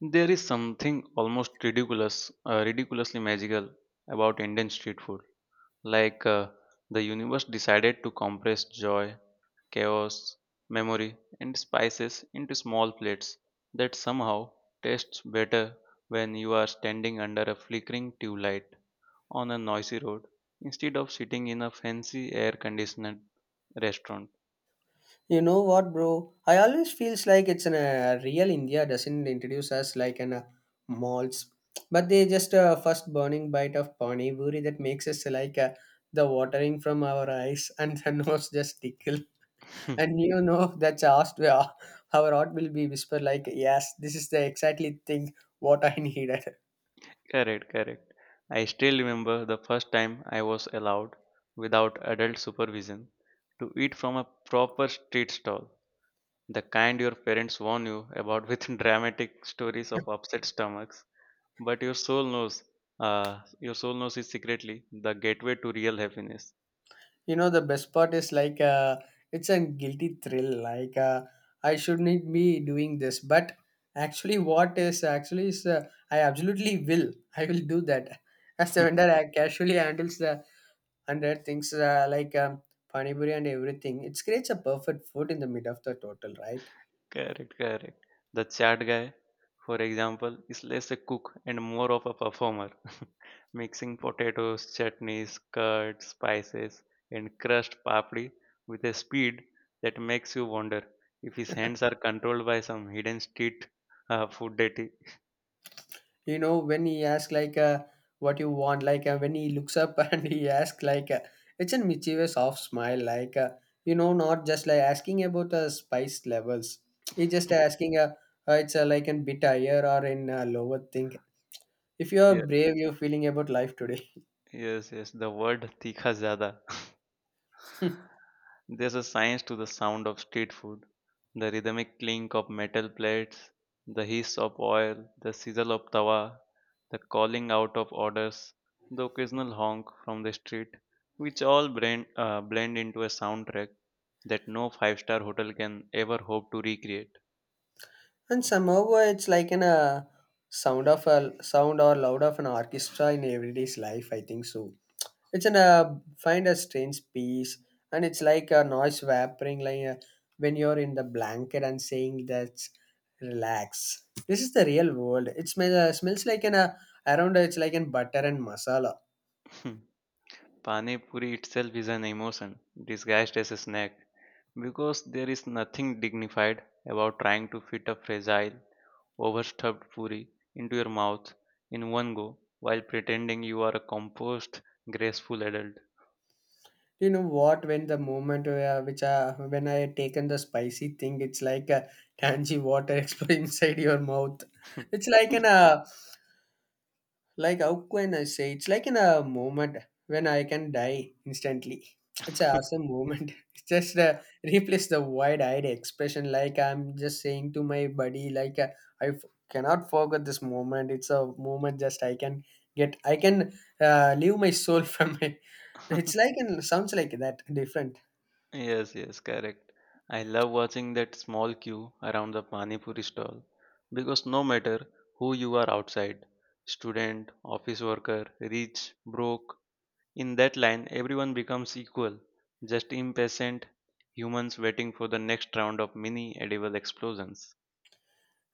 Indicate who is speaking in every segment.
Speaker 1: There is something almost ridiculous, ridiculously magical about Indian street food. Like uh, the universe decided to compress joy, chaos, memory, and spices into small plates that somehow tastes better when you are standing under a flickering tube light on a noisy road instead of sitting in a fancy air-conditioned restaurant.
Speaker 2: You know what, bro? I always feels like it's an real India doesn't introduce us like an malts, but they just first burning bite of pani puri that makes us like the watering from our eyes and the nose just tickle. And you know that's asked where our heart will be whisper like, yes, this is the exactly thing what I needed.
Speaker 1: Correct, correct. I still remember the first time I was allowed, without adult supervision, to eat from a proper street stall, the kind your parents warn you about with dramatic stories of upset stomachs. But your soul knows is secretly the gateway to real happiness.
Speaker 2: You know, the best part is like it's a guilty thrill. Like, I shouldn't be doing this, but actually, what is actually is I absolutely will. I will do that. As the vendor, I casually handles the under things like pani puri and everything. It creates a perfect food in the mid of the total, right?
Speaker 1: Correct, correct. The chat guy, for example, is less a cook and more of a performer, mixing potatoes, chutneys, curds, spices, and crushed papri with a speed that makes you wonder if his hands are controlled by some hidden street food deity.
Speaker 2: You know when he asks like what you want, like when he looks up and he asks like it's a mischievous off smile, like you know not just like asking about the spice levels, he's just asking it's like a bit higher or in lower thing, if you are
Speaker 1: Yeah,
Speaker 2: brave you're feeling about life today.
Speaker 1: yes, yes. The word "tikha zada." There's a science to the sound of street food, the rhythmic clink of metal plates, the hiss of oil, the sizzle of tawa, the calling out of orders, the occasional honk from the street, which all blend into a soundtrack that no five-star hotel can ever hope to recreate.
Speaker 2: And somehow it's like in a sound of a sound or loud of an orchestra in everyday's life, I think so. It's an find a strange peace, and it's like a noise vaporing, like when you're in the blanket and saying that's relax. This is the real world. It smells like an around. It's like an butter and masala.
Speaker 1: Pani Puri itself is an emotion disguised as a snack because there is nothing dignified about trying to fit a fragile overstuffed puri into your mouth in one go while pretending you are a composed, graceful adult.
Speaker 2: You know what? When the moment where, which when I taken the spicy thing, it's like a tangy water explode inside your mouth. It's like an like, how can I say? It's like in a moment when I can die instantly. It's an awesome moment. It's just replace the wide-eyed expression. Like I'm just saying to my buddy, like I f- cannot forget this moment. It's a moment just I can get. I can leave my soul from it. It's like and sounds like that different.
Speaker 1: Yes, yes, correct. I love watching that small queue around the Pani Puri stall because no matter who you are outside, student, office worker, rich, broke, in that line everyone becomes equal, just impatient humans waiting for the next round of mini edible explosions.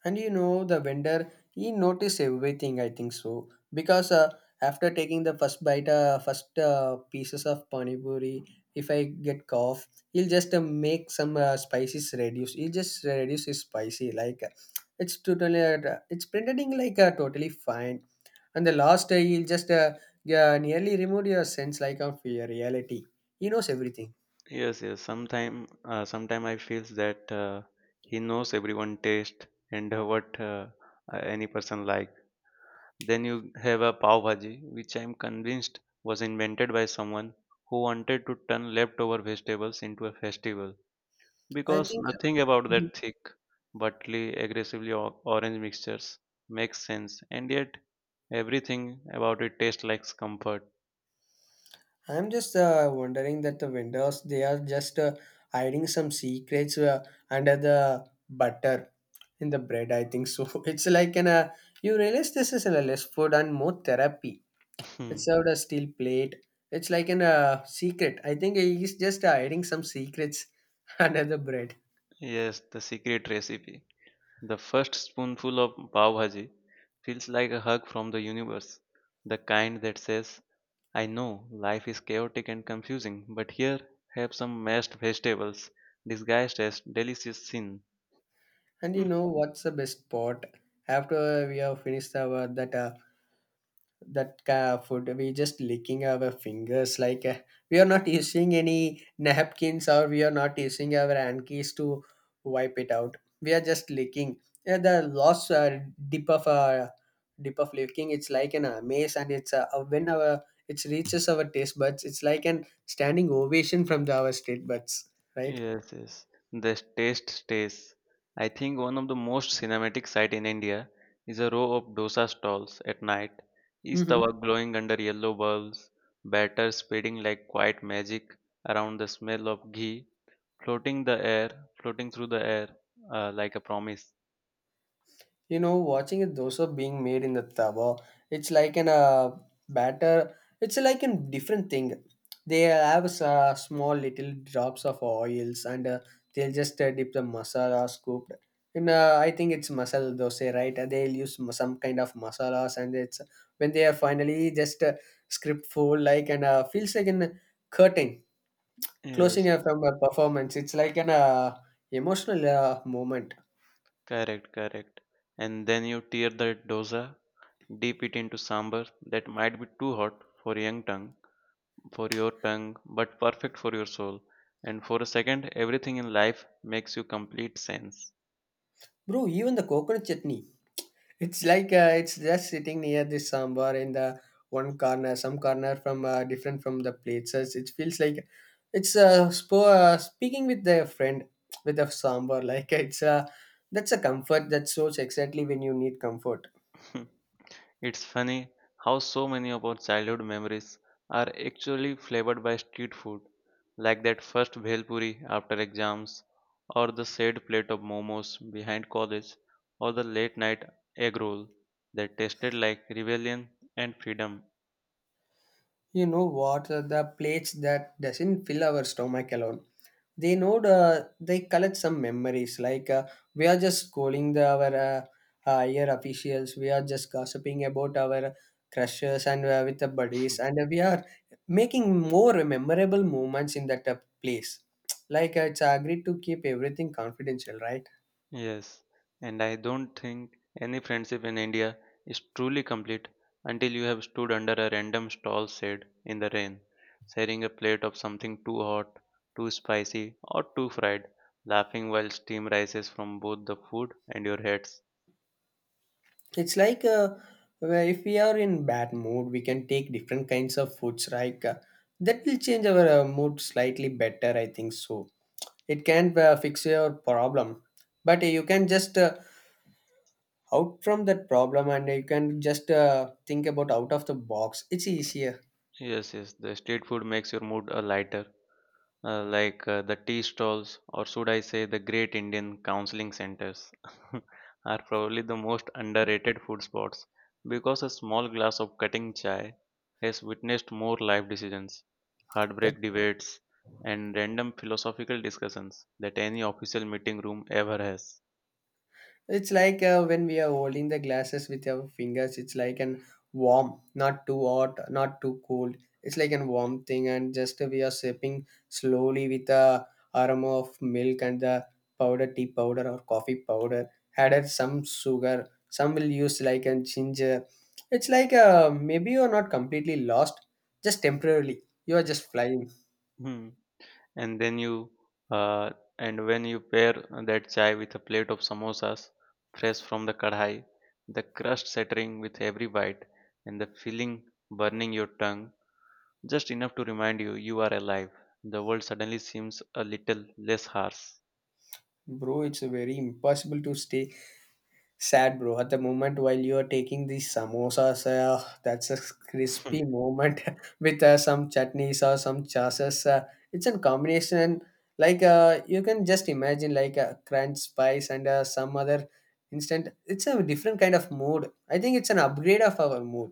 Speaker 2: And you know the vendor, he noticed everything, I think so. Because after taking the first bite first pieces of pani puri, if I get cough, he'll just make some spices reduce, he just reduce his spicy, like it's totally it's pretending like totally fine. And the last day he'll just yeah, nearly remove your sense like of your reality. He knows everything,
Speaker 1: Yes, yes. Sometime I feels that he knows everyone taste and what any person like. Then you have a pav bhaji, which I'm convinced was invented by someone who wanted to turn leftover vegetables into a festival
Speaker 2: I
Speaker 1: because
Speaker 2: think.
Speaker 1: nothing about
Speaker 2: uh,
Speaker 1: that thick, butly, aggressively orange mixtures makes sense, and yet everything about it tastes like comfort.
Speaker 2: I'm just wondering that the vendors they are just hiding some secrets under the butter in the bread. I think so. It's like an you realize this is a less food and more therapy. It's served a steel plate. It's like an secret. I think he's just hiding some secrets under the bread.
Speaker 1: Yes, the secret recipe. The first spoonful of pav bhaji feels like a hug from the universe, the kind that says, I know life is chaotic and confusing, but here have some mashed vegetables disguised as delicious sin.
Speaker 2: And you know what's the best part? After we have finished our that food, we just licking our fingers like we are not using any napkins or we are not using our hankies to wipe it out, we are just licking, yeah, the loss dip of uh, dip of licking, it's like an amaze, and it's when our, it reaches our taste buds, it's like an standing ovation from the, our state buds, right.
Speaker 1: Yes, yes. The taste stays. I think one of the most cinematic sight in India is a row of dosa stalls at night. Each
Speaker 2: Hmm.
Speaker 1: tawa glowing under yellow bulbs, batter spreading like quiet magic around the smell of ghee, floating the air, floating through the air like a promise.
Speaker 2: You know, watching a dosa being made in the tawa, it's like an batter. It's like a different thing. They have small little drops of oils, and they'll just dip the masala scooped. And I think it's masala dosa, right? They'll use some kind of masalas, and it's when they are finally just script full, like and feels like an curtain
Speaker 1: Yes,
Speaker 2: closing
Speaker 1: yes,
Speaker 2: from a performance. It's like an emotional moment,
Speaker 1: correct, correct. And then you tear the dosa, dip it into sambar that might be too hot for young tongue. For your tongue, but perfect for your soul. And for a second, everything in life makes you complete sense.
Speaker 2: bro. Even the coconut chutney. It's like it's just sitting near the sambar in the one corner, some corner from different from the plates. So it feels like it's speaking with their friend with a sambar. Like it's that's a comfort that shows exactly when you need comfort.
Speaker 1: It's funny how so many of our childhood memories are actually flavored by street food, like that first bhelpuri after exams, or the sad plate of momos behind college, or the late night egg roll that tasted like rebellion and freedom.
Speaker 2: You know what? The plates that doesn't fill our stomach alone. They know they collect some memories. Like we are just calling the our higher officials. We are just gossiping about our crushes and with the buddies, and we are making more memorable moments in that place. Like it's agreed to keep everything confidential, right?
Speaker 1: Yes, and I don't think any friendship in India is truly complete until you have stood under a random stall shade in the rain, sharing a plate of something too hot, too spicy, or too fried, laughing while steam rises from both the food and your heads.
Speaker 2: It's like where if we are in bad mood we can take different kinds of foods like that will change our mood slightly better, I think so. It can't fix your problem, but you can just out from that problem, and you can just think about out of the box, it's easier.
Speaker 1: Yes, yes. The street food makes your mood a lighter, the tea stalls, or should I say, the Great Indian Counseling Centers, are probably the most underrated food spots because a small glass of cutting chai has witnessed more life decisions, heartbreak debates, and random philosophical discussions that any official meeting room ever has.
Speaker 2: It's like when we are holding the glasses with our fingers, it's like an warm, not too hot, not too cold. It's like an warm thing, and just we are sipping slowly with the aroma of milk and the powder, tea powder or coffee powder, added some sugar. Some will use like a ginger. It's like maybe you are not completely lost, just temporarily. You are just flying,
Speaker 1: And then you uh, and when you pair that chai with a plate of samosas fresh from the kadhai, the crust shattering with every bite and the feeling burning your tongue just enough to remind you you are alive, the world suddenly seems a little less harsh.
Speaker 2: bro. It's very impossible to stay sad, bro. At the moment, while you are taking these samosas, that's a crispy moment with some chutneys or some sauces. It's a combination. Like you can just imagine, like a crunch spice and some other instant. It's a different kind of mood. I think it's an upgrade of our mood.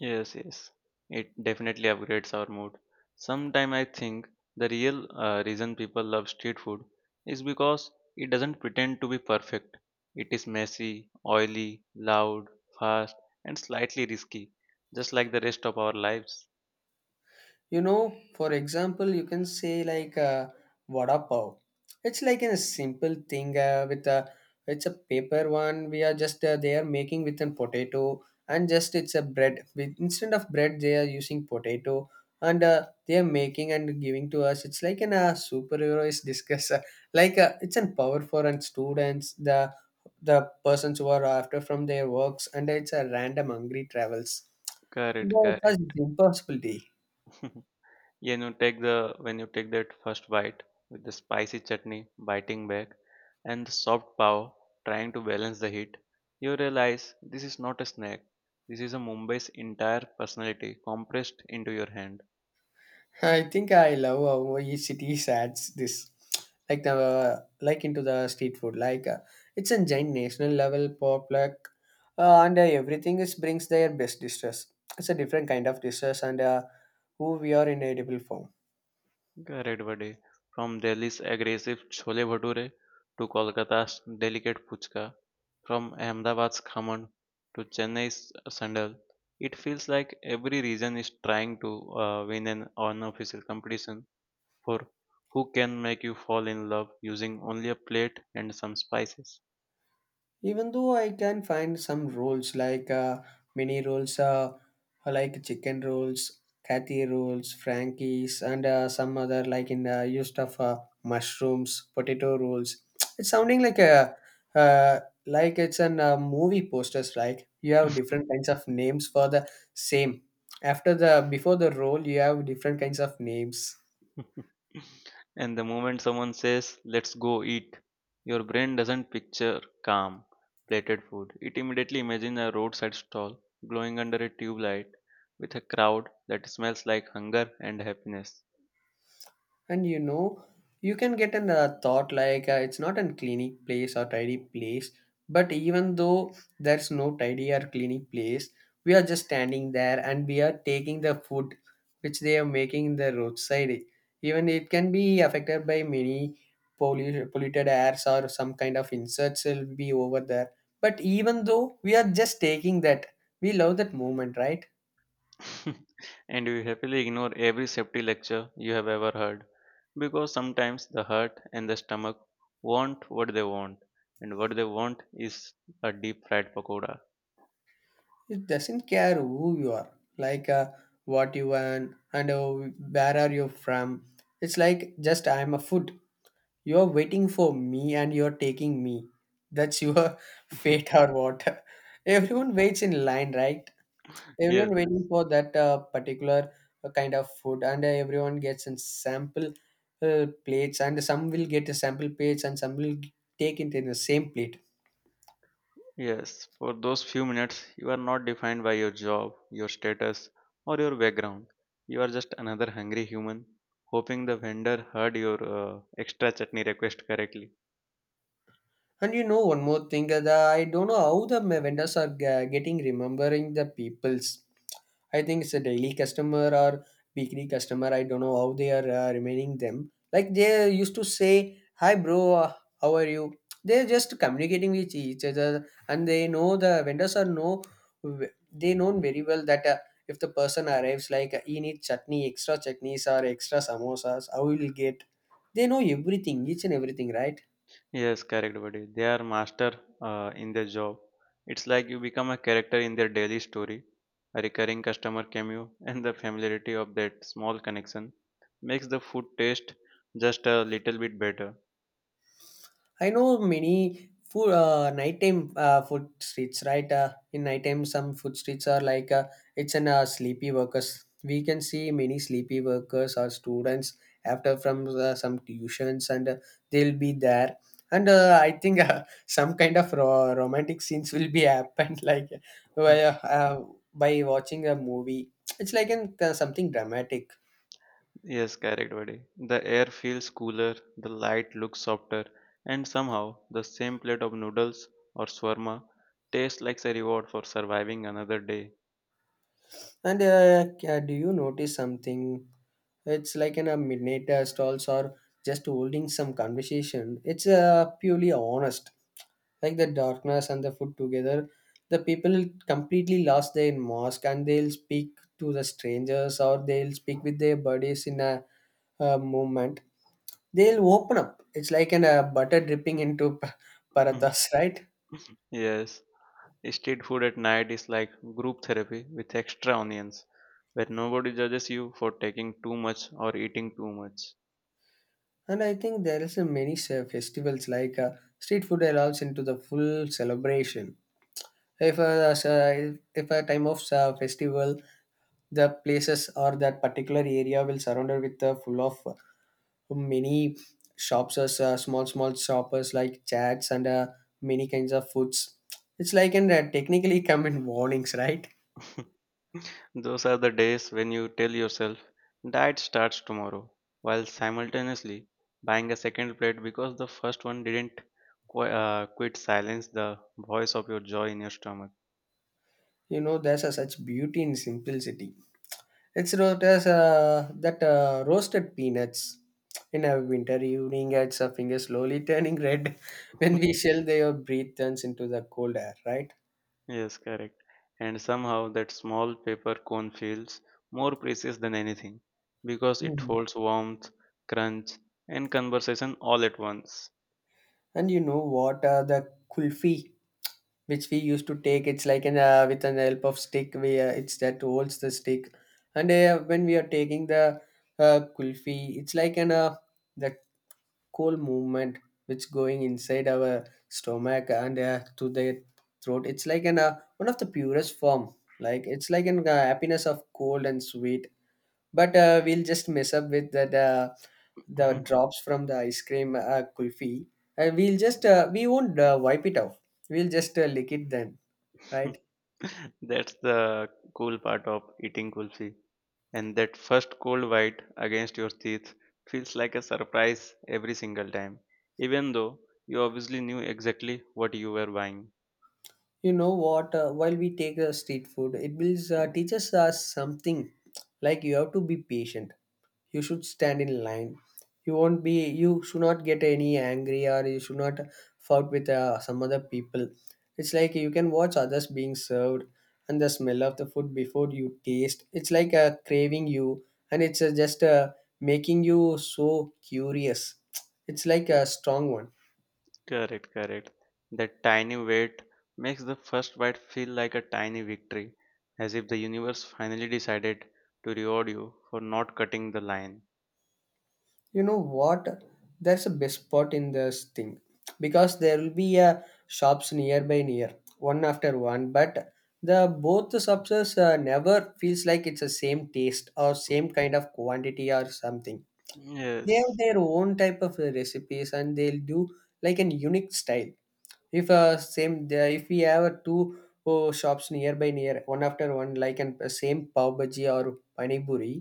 Speaker 1: Yes, yes. It definitely upgrades our mood. Sometimes I think the real reason people love street food is because it doesn't pretend to be perfect. It is messy, oily, loud, fast, and slightly risky, just like the rest of our lives.
Speaker 2: You know, for example you can say like vada pav, it's like a simple thing with a, it's a paper one, we are just they are making with a potato, and just it's a bread, with instead of bread they are using potato, and they are making and giving to us, it's like an superhero is discuss like it's an power for and students, the persons who are after from their works, and it's a random hungry travels.
Speaker 1: Correct,
Speaker 2: No, it's
Speaker 1: correct.
Speaker 2: impossible.
Speaker 1: Yeah, you know, take the when you take that first bite with the spicy chutney biting back and the soft pav trying to balance the heat, you realize this is not a snack. This is a Mumbai's entire personality compressed into your hand.
Speaker 2: I think I love how each city adds this, like the like into the street food. Like it's a giant national level pop like, and everything is brings their best dishes. It's a different kind of dishes and who we are in edible form.
Speaker 1: Correct, buddy. From Delhi's aggressive chole bhature to Kolkata's delicate puchka, from Ahmedabad's khaman to Chennai's sandal, it feels like every region is trying to win an unofficial competition for who can make you fall in love using only a plate and some spices.
Speaker 2: Even though I can find some rolls like mini rolls like chicken rolls, kathy rolls, frankies, and some other like in used of mushrooms potato rolls. It's sounding like a uh, like it's an movie posters, right, you have different kinds of names for the same, after the before the roll you have different kinds of names.
Speaker 1: And the moment someone says, let's go eat, your brain doesn't picture calm, plated food. It immediately imagines a roadside stall glowing under a tube light with a crowd that smells like hunger and happiness.
Speaker 2: And you know, you can get in the thought like it's not a cleaning place or tidy place, but even though there's no tidy or cleaning place, we are just standing there and we are taking the food which they are making in the roadside. Even it can be affected by many polluted airs or some kind of insects will be over there. But even though we are just taking that, we love that moment, right?
Speaker 1: And you happily ignore every safety lecture you have ever heard because sometimes the heart and the stomach want what they want, and what they want is a deep fried pakoda.
Speaker 2: It doesn't care who you are, like what you want and where are you from. It's like just I'm a food. You're waiting for me and you're taking me. That's your fate or what. Everyone waits in line, right?
Speaker 1: Yes,
Speaker 2: Everyone waiting
Speaker 1: yes.
Speaker 2: for that particular kind of food, and everyone gets a sample plates, and some will get a sample plates, and some will take it in the same plate.
Speaker 1: Yes, for those few minutes, you are not defined by your job, your status, or your background. You are just another hungry human, hoping the vendor heard your extra chutney request correctly.
Speaker 2: And you know one more thing, I don't know how the vendors are getting remembering the peoples. I think it's a daily customer or weekly customer. I don't know how they are remaining them. Like they used to say, "Hi, bro, how are you?" They're just communicating with each other, and they know the vendors are know they know very well that if the person arrives, like he needs chutney, extra chutneys or extra samosas, how will he get? They know everything, each and everything, right?
Speaker 1: Yes, correct, buddy. They are master in their job. It's like you become a character in their daily story. A recurring customer cameo and the familiarity of that small connection makes the food taste just a little bit better.
Speaker 2: I know many food nighttime food streets, right? In nighttime, some food streets are like it's an sleepy workers. We can see many sleepy workers or students after from some tuitions, and they'll be there. And I think some kind of romantic scenes will be happened, like by, uh, uh, by watching a movie. It's like an, something dramatic.
Speaker 1: Yes, correct, buddy. The air feels cooler, the light looks softer, and somehow the same plate of noodles or shawarma tastes like a reward for surviving another day.
Speaker 2: And do you notice something? It's like an a midnight stalls or just holding some conversation. It's purely honest. Like the darkness and the food together, the people completely lost their mask and they'll speak to the strangers or they'll speak with their buddies in a moment. They'll open up. It's like an butter dripping into parathas, right?
Speaker 1: Yes, street food at night is like group therapy with extra onions, where nobody judges you for taking too much or eating too much.
Speaker 2: And I think there is a many festivals like street food allows into the full celebration. If a, if a time of festival, the places or that particular area will surrounded with the full of many shops, as small small shoppers like chats and many kinds of foods. It's like and technically come in warnings, right?
Speaker 1: Those are the days when you tell yourself, diet starts tomorrow, while simultaneously buying a second plate because the first one didn't quite silence the voice of your joy in your stomach.
Speaker 2: You know, there's a such beauty in simplicity. It's wrote as that roasted peanuts. In a winter evening, as her fingers slowly turning red, when we shell, their breath turns into the cold air, right?
Speaker 1: Yes, correct. And somehow that small paper cone feels more precious than anything because it
Speaker 2: Mhm.
Speaker 1: holds warmth, crunch, and conversation all at once.
Speaker 2: And you know what? The kulfi, which we used to take, it's like an with an help of stick. We it's that holds the stick, and when we are taking the kulfi, it's like an the cool movement which going inside our stomach and to the throat, it's like an one of the purest form, like it's like an happiness of cold and sweet, but we'll just mess up with the drops from the ice cream kulfi, and we'll just we won't wipe it off, we'll just lick it then, right?
Speaker 1: That's the cool part of eating kulfi. And that first cold bite against your teeth feels like a surprise every single time, even though you obviously knew exactly what you were buying.
Speaker 2: You know what? While we take street food, it will teaches us something, like you have to be patient, you should stand in line, you won't be, you should not get any angry, or you should not fought with some other people. It's like you can watch others being served, and the smell of the food before you taste, it's like a craving you, and it's just making you so curious. It's like a strong one.
Speaker 1: Correct, correct. That tiny weight makes the first bite feel like a tiny victory, as if the universe finally decided to reward you for not cutting the line.
Speaker 2: You know what? That's the best spot in this thing, because there will be a shops nearby near one after one, but the both the shops never feels like it's the same taste or same kind of quantity or something. They have
Speaker 1: Yes,
Speaker 2: their own type of recipes and they'll do like an unique style. If same if we have a two, oh, shops nearby near one after one like an a same pav bhaji or pani puri,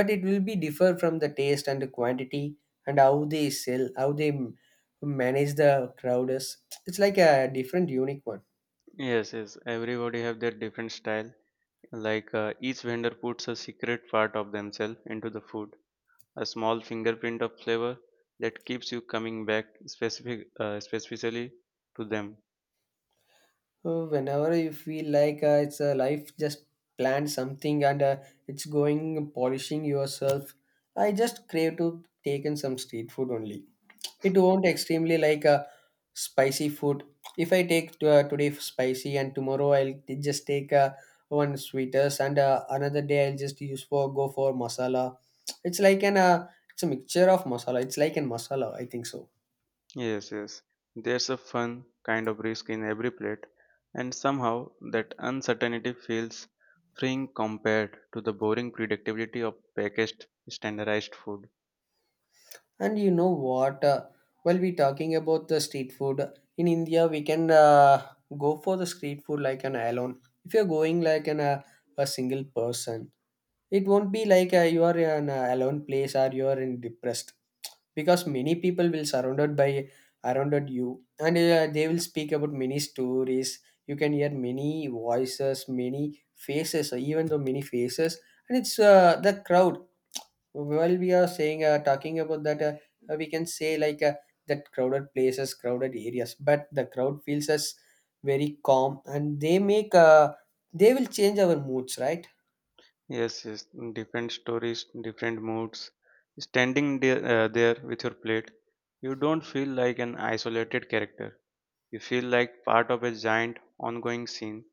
Speaker 2: but it will be differ from the taste and the quantity and how they sell, how they manage the crowd is. It's like a different unique one.
Speaker 1: yes, yes. Everybody have their different style. Each vendor puts a secret part of themselves into the food, a small fingerprint of flavor that keeps you coming back specifically to them.
Speaker 2: So whenever you feel like it's a life, just plan something and it's going polishing yourself, I just crave to take in some street food only. It won't extremely like a spicy food. If I take today spicy and tomorrow I'll just take one sweeters, and another day I'll just use for go for masala. It's like an it's a mixture of masala. It's like an masala, I think so.
Speaker 1: Yes, yes. There's a fun kind of risk in every plate, and somehow that uncertainty feels freeing compared to the boring predictability of packaged standardized food.
Speaker 2: And you know what? While we talking about the street food in India, we can go for the street food like an alone. If you're going like an a single person, it won't be like you are in a alone place or you are in depressed, because many people will surrounded you, and they will speak about many stories, you can hear many voices, many faces, even though many faces, and it's the crowd. While we are saying talking about that, we can say like that crowded places, crowded areas, but the crowd feels us very calm and they make they will change our moods, right?
Speaker 1: Yes, yes. Different stories, different moods. Standing there with your plate, you don't feel like an isolated character. You feel like part of a giant ongoing scene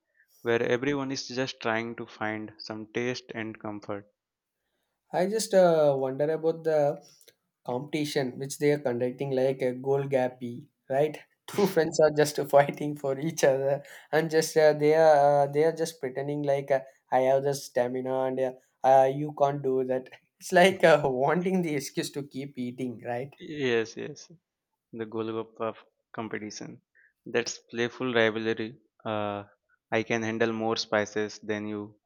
Speaker 1: where everyone is just trying to find some taste and comfort.
Speaker 2: I just wonder about the competition which they are conducting like a goal gappy, right? Two friends are just fighting for each other, and just they are just pretending like I have the stamina, and you can't do that. It's like wanting the excuse to keep eating, right?
Speaker 1: Yes, yes, the Golgappa competition. That's playful rivalry. Uh, I can handle more spices than you.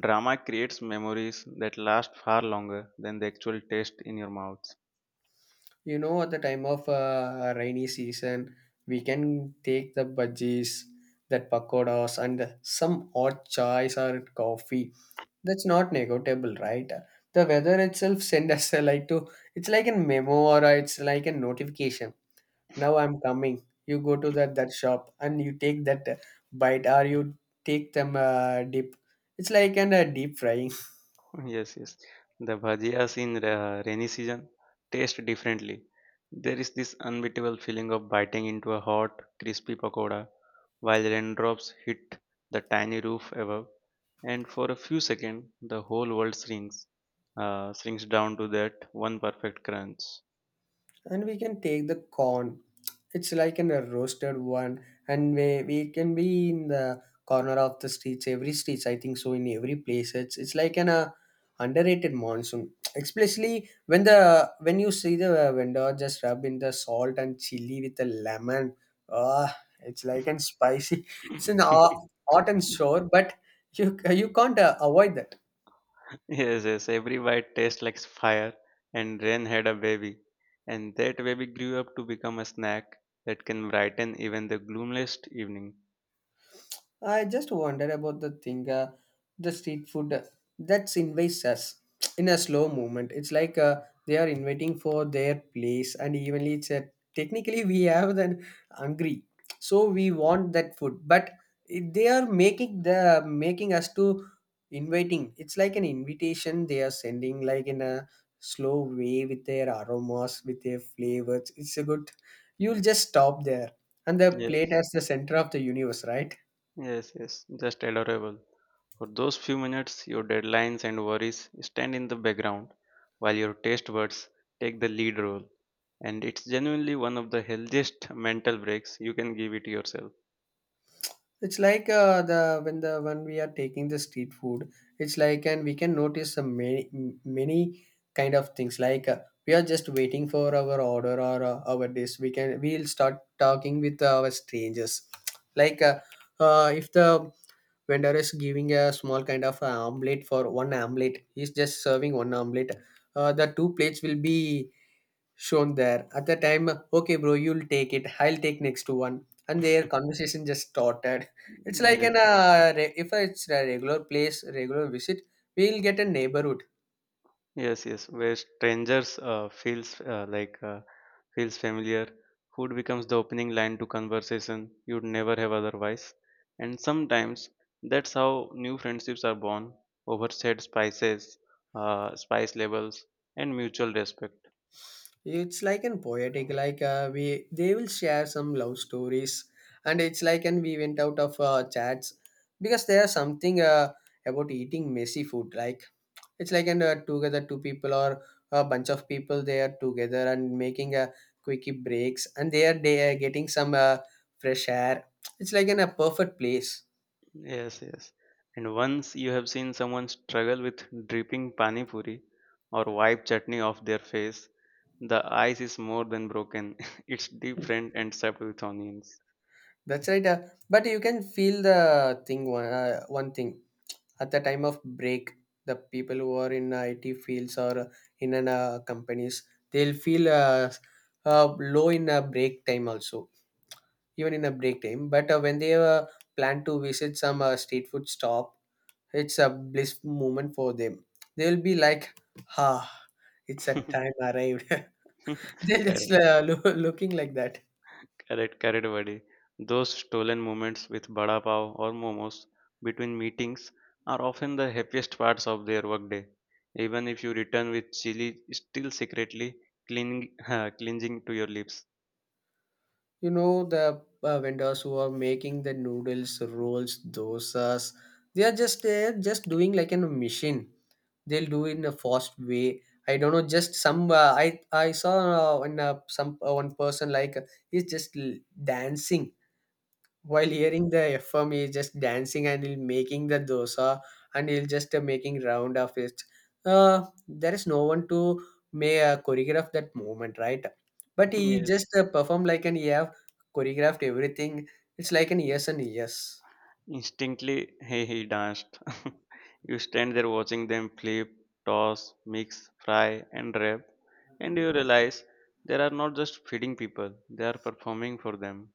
Speaker 1: Drama creates memories that last far longer than the actual taste in your mouth.
Speaker 2: You know, at the time of rainy season, we can take the budgies, that pakodas and some hot chais or coffee. That's not negotiable, right? The weather itself send us a like to, it's like a memo, it's like a notification, now I'm coming, you go to that shop and you take that bite, or you take them dip, it's like an deep frying.
Speaker 1: Yes, yes. The bhajias in rainy season taste differently. There is this unbeatable feeling of biting into a hot, crispy pakoda while raindrops hit the tiny roof above, and for a few seconds, the whole world shrinks down to that one perfect crunch.
Speaker 2: And we can take the corn, it's like in a roasted one, and we can be in the corner of the streets, every streets I think so, in every place it's like an underrated monsoon, especially when the when you see the vendor just rub in the salt and chili with the lemon. Ah, it's like an spicy, it's an hot and sure, but you can't avoid that.
Speaker 1: Yes, yes. Every bite tastes like fire, and rain had a baby, and that baby grew up to become a snack that can brighten even the gloomiest evening.
Speaker 2: I just wonder about the thing, the street food that invites us in a slow movement. It's like they are inviting for their place, and evenly, it's a, technically we have then hungry, so we want that food, but it, they are making the making us to inviting. It's like an invitation they are sending, like in a slow way with their aromas, with their flavors. It's a good. You'll just stop there, and the plate
Speaker 1: Yes,
Speaker 2: as the center of the universe, right?
Speaker 1: yes, yes, just adorable. For those few minutes, your deadlines and worries stand in the background while your taste buds take the lead role. And it's genuinely one of the healthiest mental breaks you can give it yourself.
Speaker 2: It's like the when we are taking the street food, it's like and we can notice some many many kind of things. Like we are just waiting for our order or our dish. We'll start talking with our strangers. Like if the vendor is giving a small kind of omelette, for one omelette, he's just serving one omelette. The two plates will be shown there at the time, okay bro you'll take it, I'll take next to one, and their conversation just started. It's like
Speaker 1: Yes,
Speaker 2: an if it's a regular place, regular visit, we'll get a neighborhood.
Speaker 1: yes, yes, where strangers feels familiar. Food becomes the opening line to conversation you'd never have otherwise. And sometimes that's how new friendships are born over shared spices, spice levels, and mutual respect.
Speaker 2: It's like an poetic, like we they will share some love stories, and it's like and we went out of chats, because there's something about eating messy food like, it's like an together, two people or a bunch of people, they are together and making a quickie breaks, and they are getting some fresh air. It's like in a perfect place.
Speaker 1: Yes, yes. And once you have seen someone struggle with dripping pani puri or wipe chutney off their face, the ice is more than broken. It's deep fried and served with onions.
Speaker 2: That's right. But you can feel the thing, one one thing at the time of break. The people who are in IT fields or in an, companies, they'll feel low in a break time also, even in a break time. But when they plan to visit some street food stop, it's a bliss moment for them. They'll be like, "Ah, it's a time arrived." They're just
Speaker 1: Correct.
Speaker 2: looking like that.
Speaker 1: Correct, correct, buddy. Those stolen moments with bada pav or momos between meetings are often the happiest parts of their workday. Even if you return with chili still secretly clinging, clinging to your lips.
Speaker 2: You know the vendors who are making the noodles, rolls, dosas. They are just doing like in a machine. They'll do it in a fast way. I don't know. Just some I saw in some one person, like he's just dancing while hearing the FM, he's just dancing, and he'll making the dosa, and he'll just making round of it. There is no one to may choreograph that moment, right? But he
Speaker 1: Yes.
Speaker 2: just perform like an he have choreographed everything. It's like an yes and yes.
Speaker 1: Instinctively, hey, he danced. You stand there watching them flip, toss, mix, fry, and wrap, and you realize they are not just feeding people; they are performing for them.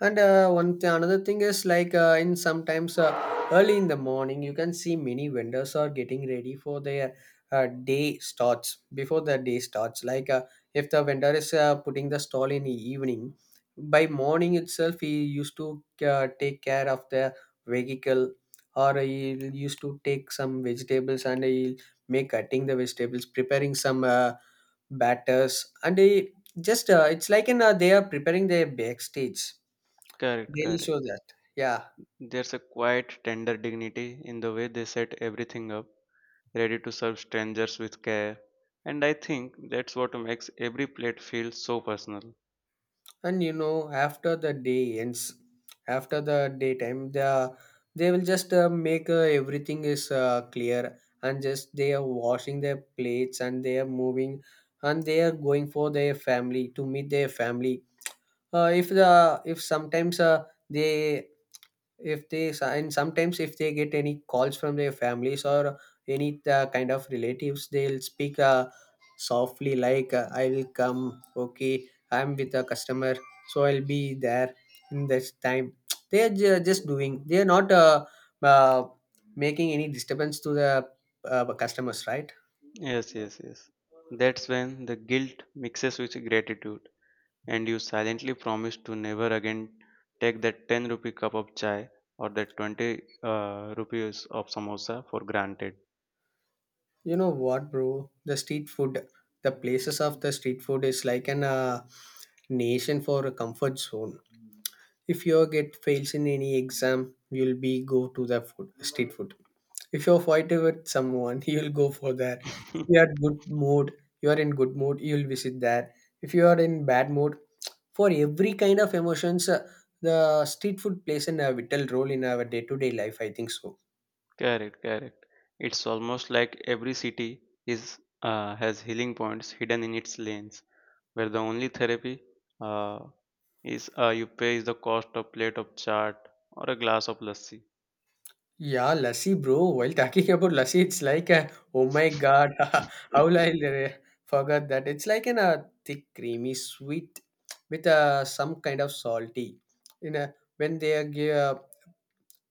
Speaker 2: And another thing is like in sometimes early in the morning, you can see many vendors are getting ready for their day starts, before the day starts. Like if the vendor is putting the stall in the evening, by morning itself he used to take care of the vehicle, or he used to take some vegetables and he make cutting the vegetables, preparing some batters, and he just it's like in they are preparing their backstage
Speaker 1: Correct,
Speaker 2: daily
Speaker 1: correct.
Speaker 2: show that. Yeah.
Speaker 1: There's a quiet, tender dignity in the way they set everything up, ready to serve strangers with care. And I think that's what makes every plate feel so personal.
Speaker 2: And you know, after the day ends, after the daytime, the they will just make everything is clear, and just they are washing their plates and they are moving, and they are going for their family to meet their family. If the if sometimes they if they and sometimes if they get any calls from their families or any kind of relatives, they'll speak softly, like I will come, okay I'm with a customer, so I'll be there in this time. They are just doing, they are not uh, making any disturbance to the customers, right?
Speaker 1: Yes, yes, yes. That's when the guilt mixes with gratitude, and you silently promise to never again take that 10 rupee cup of chai or that 20 rupees of samosa for granted.
Speaker 2: You know what bro, the street food, the places of the street food is like an nation for a comfort zone. If your get fails in any exam, you'll be go to the food, street food. If you're fighting with someone, you'll go for that. If you are good mood, you are in good mood, you'll visit that. If you are in bad mood, for every kind of emotions, the street food plays an a vital role in our day-to-day life, I think so.
Speaker 1: Correct, correct. It's almost like every city is has healing points hidden in its lanes, where the only therapy uh, is you pay is the cost of plate of chaat or a glass of lassi.
Speaker 2: Yeah, Lassi, bro. While talking about Lassi, it's like a oh my god, how will I forgot that? It's like in a thick, creamy, sweet with some kind of salty. You know, when they are give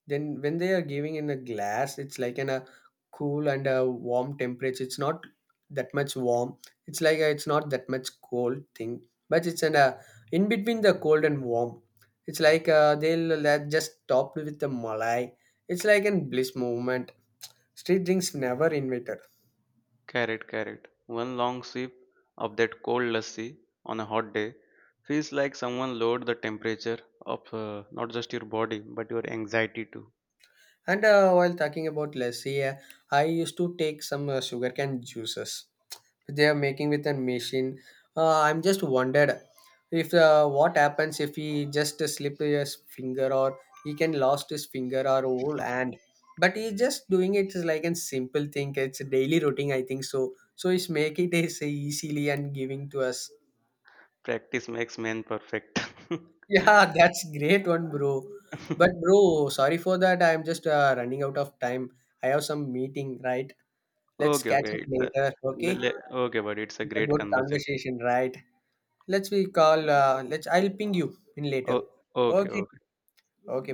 Speaker 2: then when they are giving in a glass, it's like in a cool and a warm temperature, it's not that much warm, it's like a, it's not that much cold thing, but it's in a, in between the cold and warm, it's like they'll just topped with the malai, it's like an bliss moment, street drinks never invited.
Speaker 1: Correct, correct. One long sip of that cold lassi on a hot day feels like someone lowered the temperature of not just your body but your anxiety too.
Speaker 2: And while talking about lassi, I used to take some sugarcane juices, they are making with a machine. I'm just wondered if what happens if he just slip his finger, or he can lost his finger or whole hand. But he's just doing it is like a simple thing. It's a daily routine, I think so. So he's making it is easily and giving to us.
Speaker 1: Practice makes man perfect.
Speaker 2: Yeah, that's great one, bro. But bro, sorry for that. I'm just running out of time. I have some meeting, right? Let's
Speaker 1: Okay,
Speaker 2: catch
Speaker 1: okay.
Speaker 2: up
Speaker 1: It's a
Speaker 2: later,
Speaker 1: le
Speaker 2: okay?
Speaker 1: le okay, buddy. It's a
Speaker 2: It's a
Speaker 1: great
Speaker 2: good
Speaker 1: conversation.
Speaker 2: conversation, right? Let's we call. Let's. I'll ping you in later.
Speaker 1: Oh, okay,
Speaker 2: Okay.
Speaker 1: okay.
Speaker 2: Okay.